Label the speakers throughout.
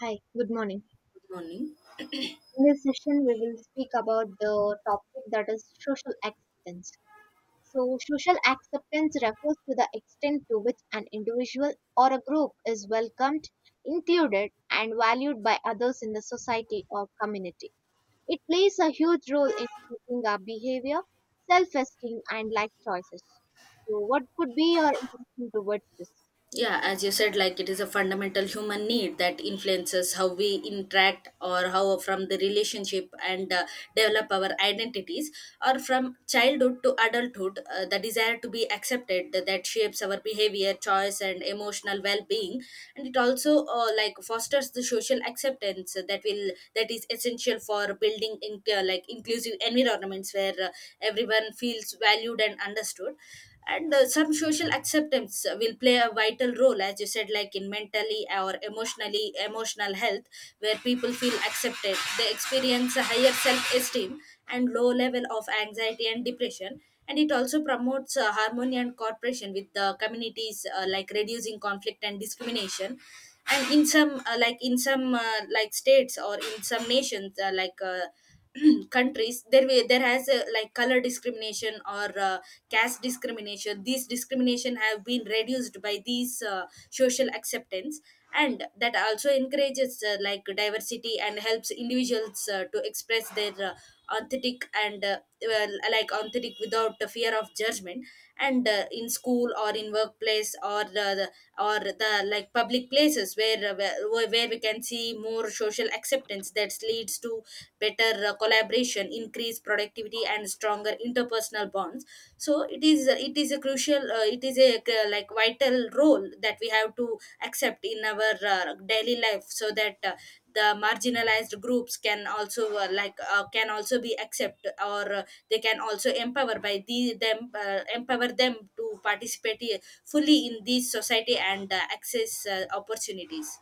Speaker 1: Hi, good morning.
Speaker 2: Morning.
Speaker 1: In this session, we will speak about the topic that is social acceptance. So, social acceptance refers to the extent to which an individual or a group is welcomed, included, and valued by others in the society or community. It plays a huge role in shaping our behavior, self esteem, and life choices. So, what could be your intention towards this?
Speaker 2: Yeah, as you said, like it is a fundamental human need that influences how we interact or how from the relationship and develop our identities, or from childhood to adulthood, the desire to be accepted that shapes our behavior, choice, and emotional well-being, and it also like fosters the social acceptance that is essential for building in, like inclusive environments where everyone feels valued and understood. And some social acceptance will play a vital role, as you said, like in mentally or emotional health, where people feel accepted they experience a higher self-esteem and low level of anxiety and depression. And it also promotes harmony and cooperation with the communities, like reducing conflict and discrimination. And in some like in some like states or in some nations, countries, there has a, like, color discrimination or caste discrimination. These discrimination have been reduced by these social acceptance. And that also encourages like diversity and helps individuals to express their authentic and uh, like authentic without the fear of judgment. And in school or in workplace, or the like public places where, where we can see more social acceptance, that leads to better collaboration, increased productivity, and stronger interpersonal bonds. So it is a crucial, it is a like vital role that we have to accept in our daily life, so that the marginalized groups can also, can also be accept, or they can also empower by the them empower them to participate fully in this society and access opportunities.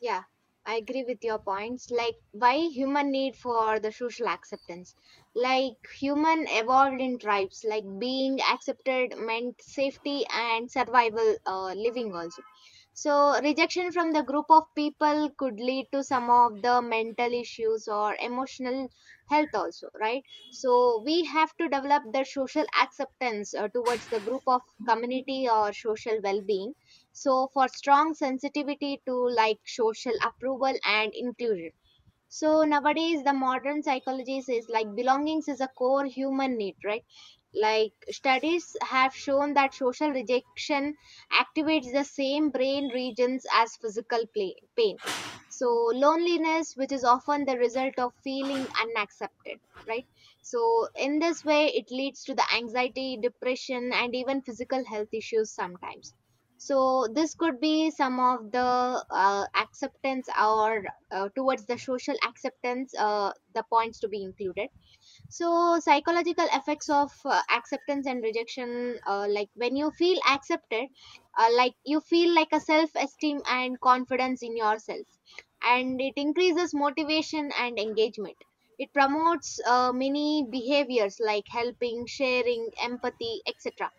Speaker 1: Yeah, I agree with your points. Like why human need for the social acceptance. Like human evolved in tribes. Like being accepted meant safety and survival living also. So rejection from the group of people could lead to some of the mental issues or emotional health also, right? So we have to develop the social acceptance towards the group of community or social well-being, so for strong sensitivity to like social approval and inclusion. So nowadays the modern psychology says like belongings is a core human need, right? Like studies have shown that social rejection activates the same brain regions as physical play, pain. So loneliness, which is often the result of feeling unaccepted, right, so in this way it leads to the anxiety, depression, and even physical health issues sometimes. So this could be some of the acceptance or towards the social acceptance, the points to be included. So psychological effects of acceptance and rejection, like when you feel accepted, like you feel like a self esteem and confidence in yourself, and it increases motivation and engagement. It promotes many behaviors like helping, sharing, empathy, etc.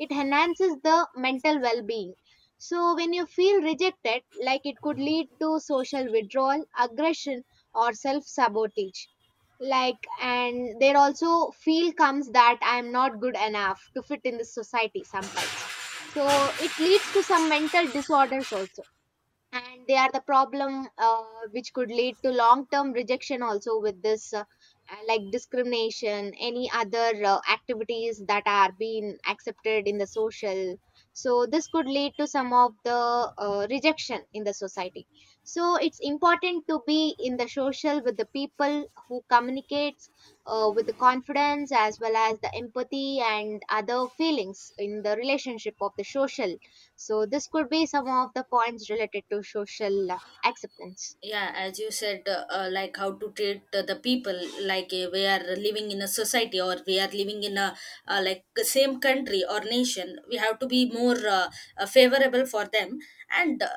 Speaker 1: It enhances the mental well-being. So when you feel rejected, like it could lead to social withdrawal, aggression, or self sabotage. Like, and there also feel comes that I am not good enough to fit in the society sometimes. So it leads to some mental disorders also. And they are the problem, which could lead to long term rejection also with this, like discrimination, any other activities that are being accepted in the social. So this could lead to some of the rejection in the society. So it's important to be in the social with the people who communicates with the confidence, as well as the empathy and other feelings in the relationship of the social. So this could be some of the points related to social acceptance.
Speaker 2: Yeah, as you said, like how to treat the people, like we are living in a society or we are living in a, like, the same country or nation, we have to be more, favorable for them. And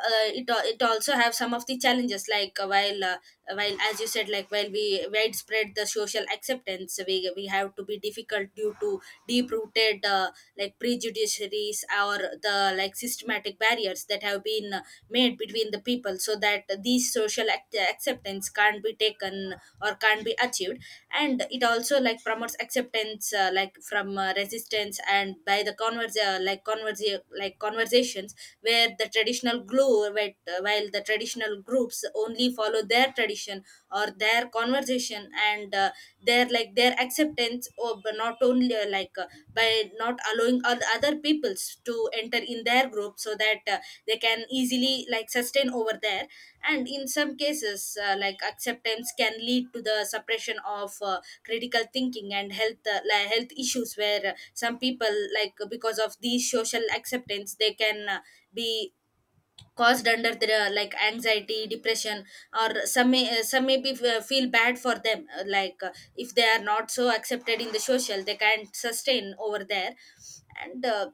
Speaker 2: it also have some of the challenges, like while as you said, like while we widespread the social acceptance, we have to be difficult due to deep rooted like prejudices or the like systematic barriers that have been made between the people, so that these acceptance can't be taken or can't be achieved. And it also like promotes acceptance, like from resistance, and by the converse, like, conversations, where the traditional glue where, while the traditional groups only follow their tradition or their conversation, and their, like, their acceptance of not only, by not allowing other peoples to enter in their group, so that they can easily like sustain over there. And in some cases, like acceptance can lead to the suppression of critical thinking and health like health issues, where some people, like because of these social acceptance, they can be caused under their, like, anxiety, depression. Or some may, some may be, feel bad for them, if they are not so accepted in the social they can't sustain over there. And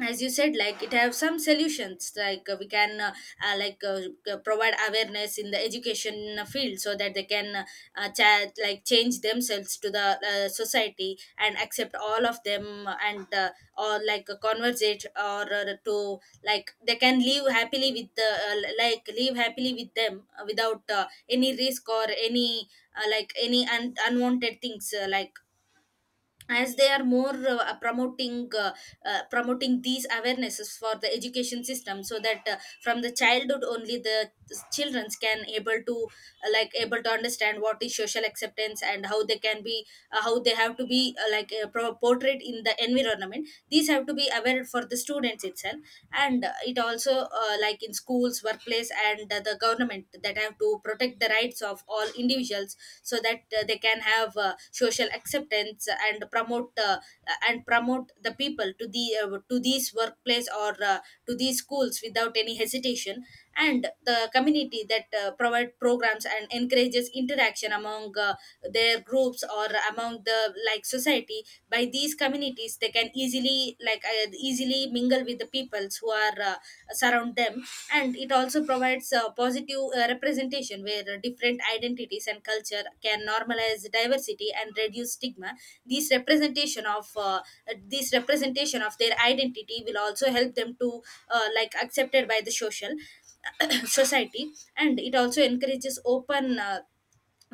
Speaker 2: as you said, like it have some solutions, like we can, uh, like uh, provide awareness in the education field, so that they can, like change themselves to the society and accept all of them, and or like conversate, or to like they can live happily with the, like live happily with them, without any risk or any, like, any unwanted things, like, as they are more promoting these awarenesses for the education system, so that from the childhood only, the children can able to, like able to understand what is social acceptance and how they can be, how they have to be, portrayed in the environment. These have to be aware for the students itself. And it also like in schools, workplace, and the government that have to protect the rights of all individuals, so that they can have social acceptance, and promote, and promote the people to the, to these workplace or, to these schools, without any hesitation. And the community that provide programs and encourages interaction among their groups, or among the, like, society. By these communities, they can easily mingle with the peoples who are surround them. And it also provides a positive representation, where different identities and culture can normalize diversity and reduce stigma. this representation of uh, this representation of their identity will also help them to, like accepted by the social society. And it also encourages open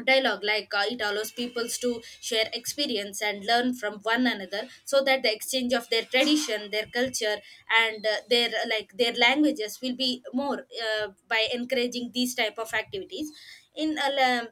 Speaker 2: dialogue, like it allows peoples to share experience and learn from one another, so that the exchange of their tradition, their culture, and their like their languages will be more by encouraging these type of activities. in uh, la-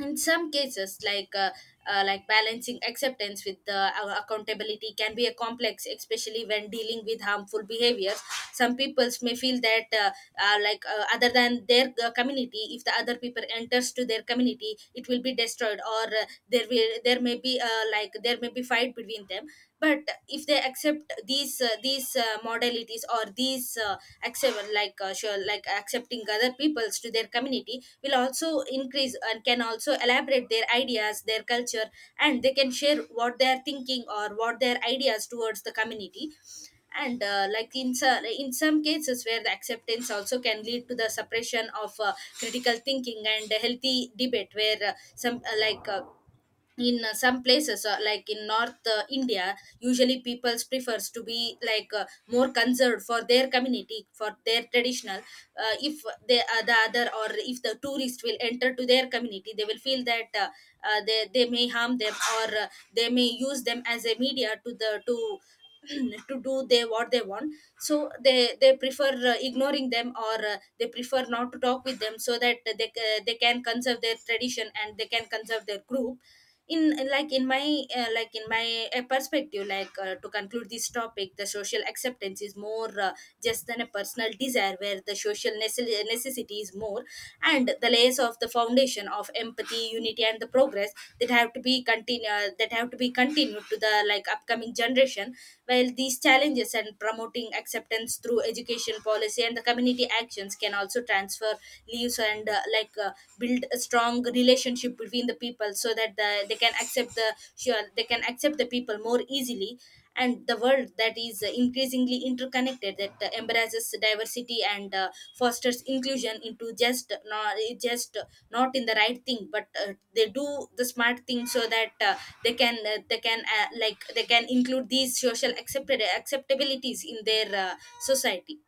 Speaker 2: in some cases, like balancing acceptance with the accountability can be a complex, especially when dealing with harmful behaviors. Some peoples may feel that, other than their community, if the other people enters to their community it will be destroyed, or there may be, there may be fight between them. But if they accept these modalities, or these accept like accepting other peoples to their community, will also increase and can also elaborate their ideas, their culture, and they can share what they are thinking or what their ideas towards the community. And like in in some cases where the acceptance also can lead to the suppression of critical thinking and healthy debate, where some places, like in north India, usually people prefers to be like more concerned for their community, for their traditional. If they, the other, or if the tourist will enter to their community, they will feel that, they may harm them, or they may use them as a media to the to to do they what they want. So they prefer ignoring them, or they prefer not to talk with them, so that they can conserve their tradition and they can conserve their group. In like in my like In my perspective, like, to conclude this topic, the social acceptance is more, just than a personal desire, where the social necessity is more, and the layers of the foundation of empathy, unity, and the progress, that have to be continue that have to be continued to the, like, upcoming generation. While these challenges and promoting acceptance through education, policy, and the community actions can also transfer leaves, and build a strong relationship between the people, so that they can accept they can accept the people more easily. And the world that is increasingly interconnected, that embraces diversity and fosters inclusion, into just not in the right thing, but they do the smart thing, so that they can include these social accepted acceptabilities in their society.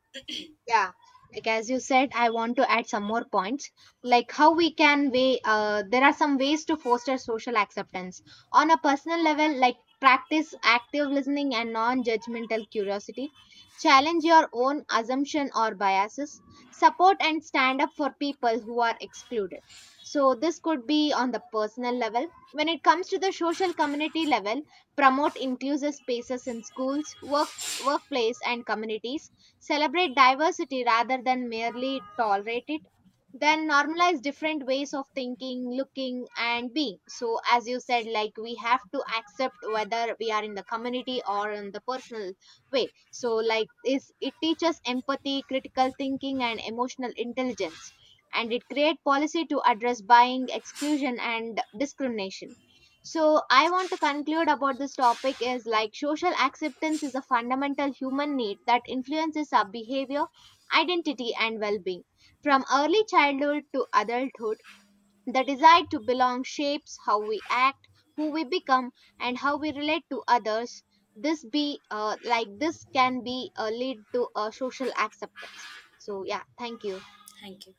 Speaker 1: Yeah, like as you said, I want to add some more points, like how we can weigh. There are some ways to foster social acceptance. On a personal level, like practice active listening and non-judgmental curiosity, challenge your own assumption or biases, support and stand up for people who are excluded. So this could be on the personal level. When it comes to the social community level, promote inclusive spaces in schools, workplace and communities, celebrate diversity rather than merely tolerate it, then normalize different ways of thinking, looking, and being. So, as you said, like we have to accept whether we are in the community or in the personal way. So, like, is it teaches empathy, critical thinking, and emotional intelligence, and it create policy to address buying, exclusion, and discrimination. So I want to conclude about this topic is like social acceptance is a fundamental human need that influences our behavior, identity, and well-being. From early childhood to adulthood, the desire to belong shapes how we act, who we become, and how we relate to others. This can be lead to a social acceptance. So yeah, thank you.
Speaker 2: Thank you.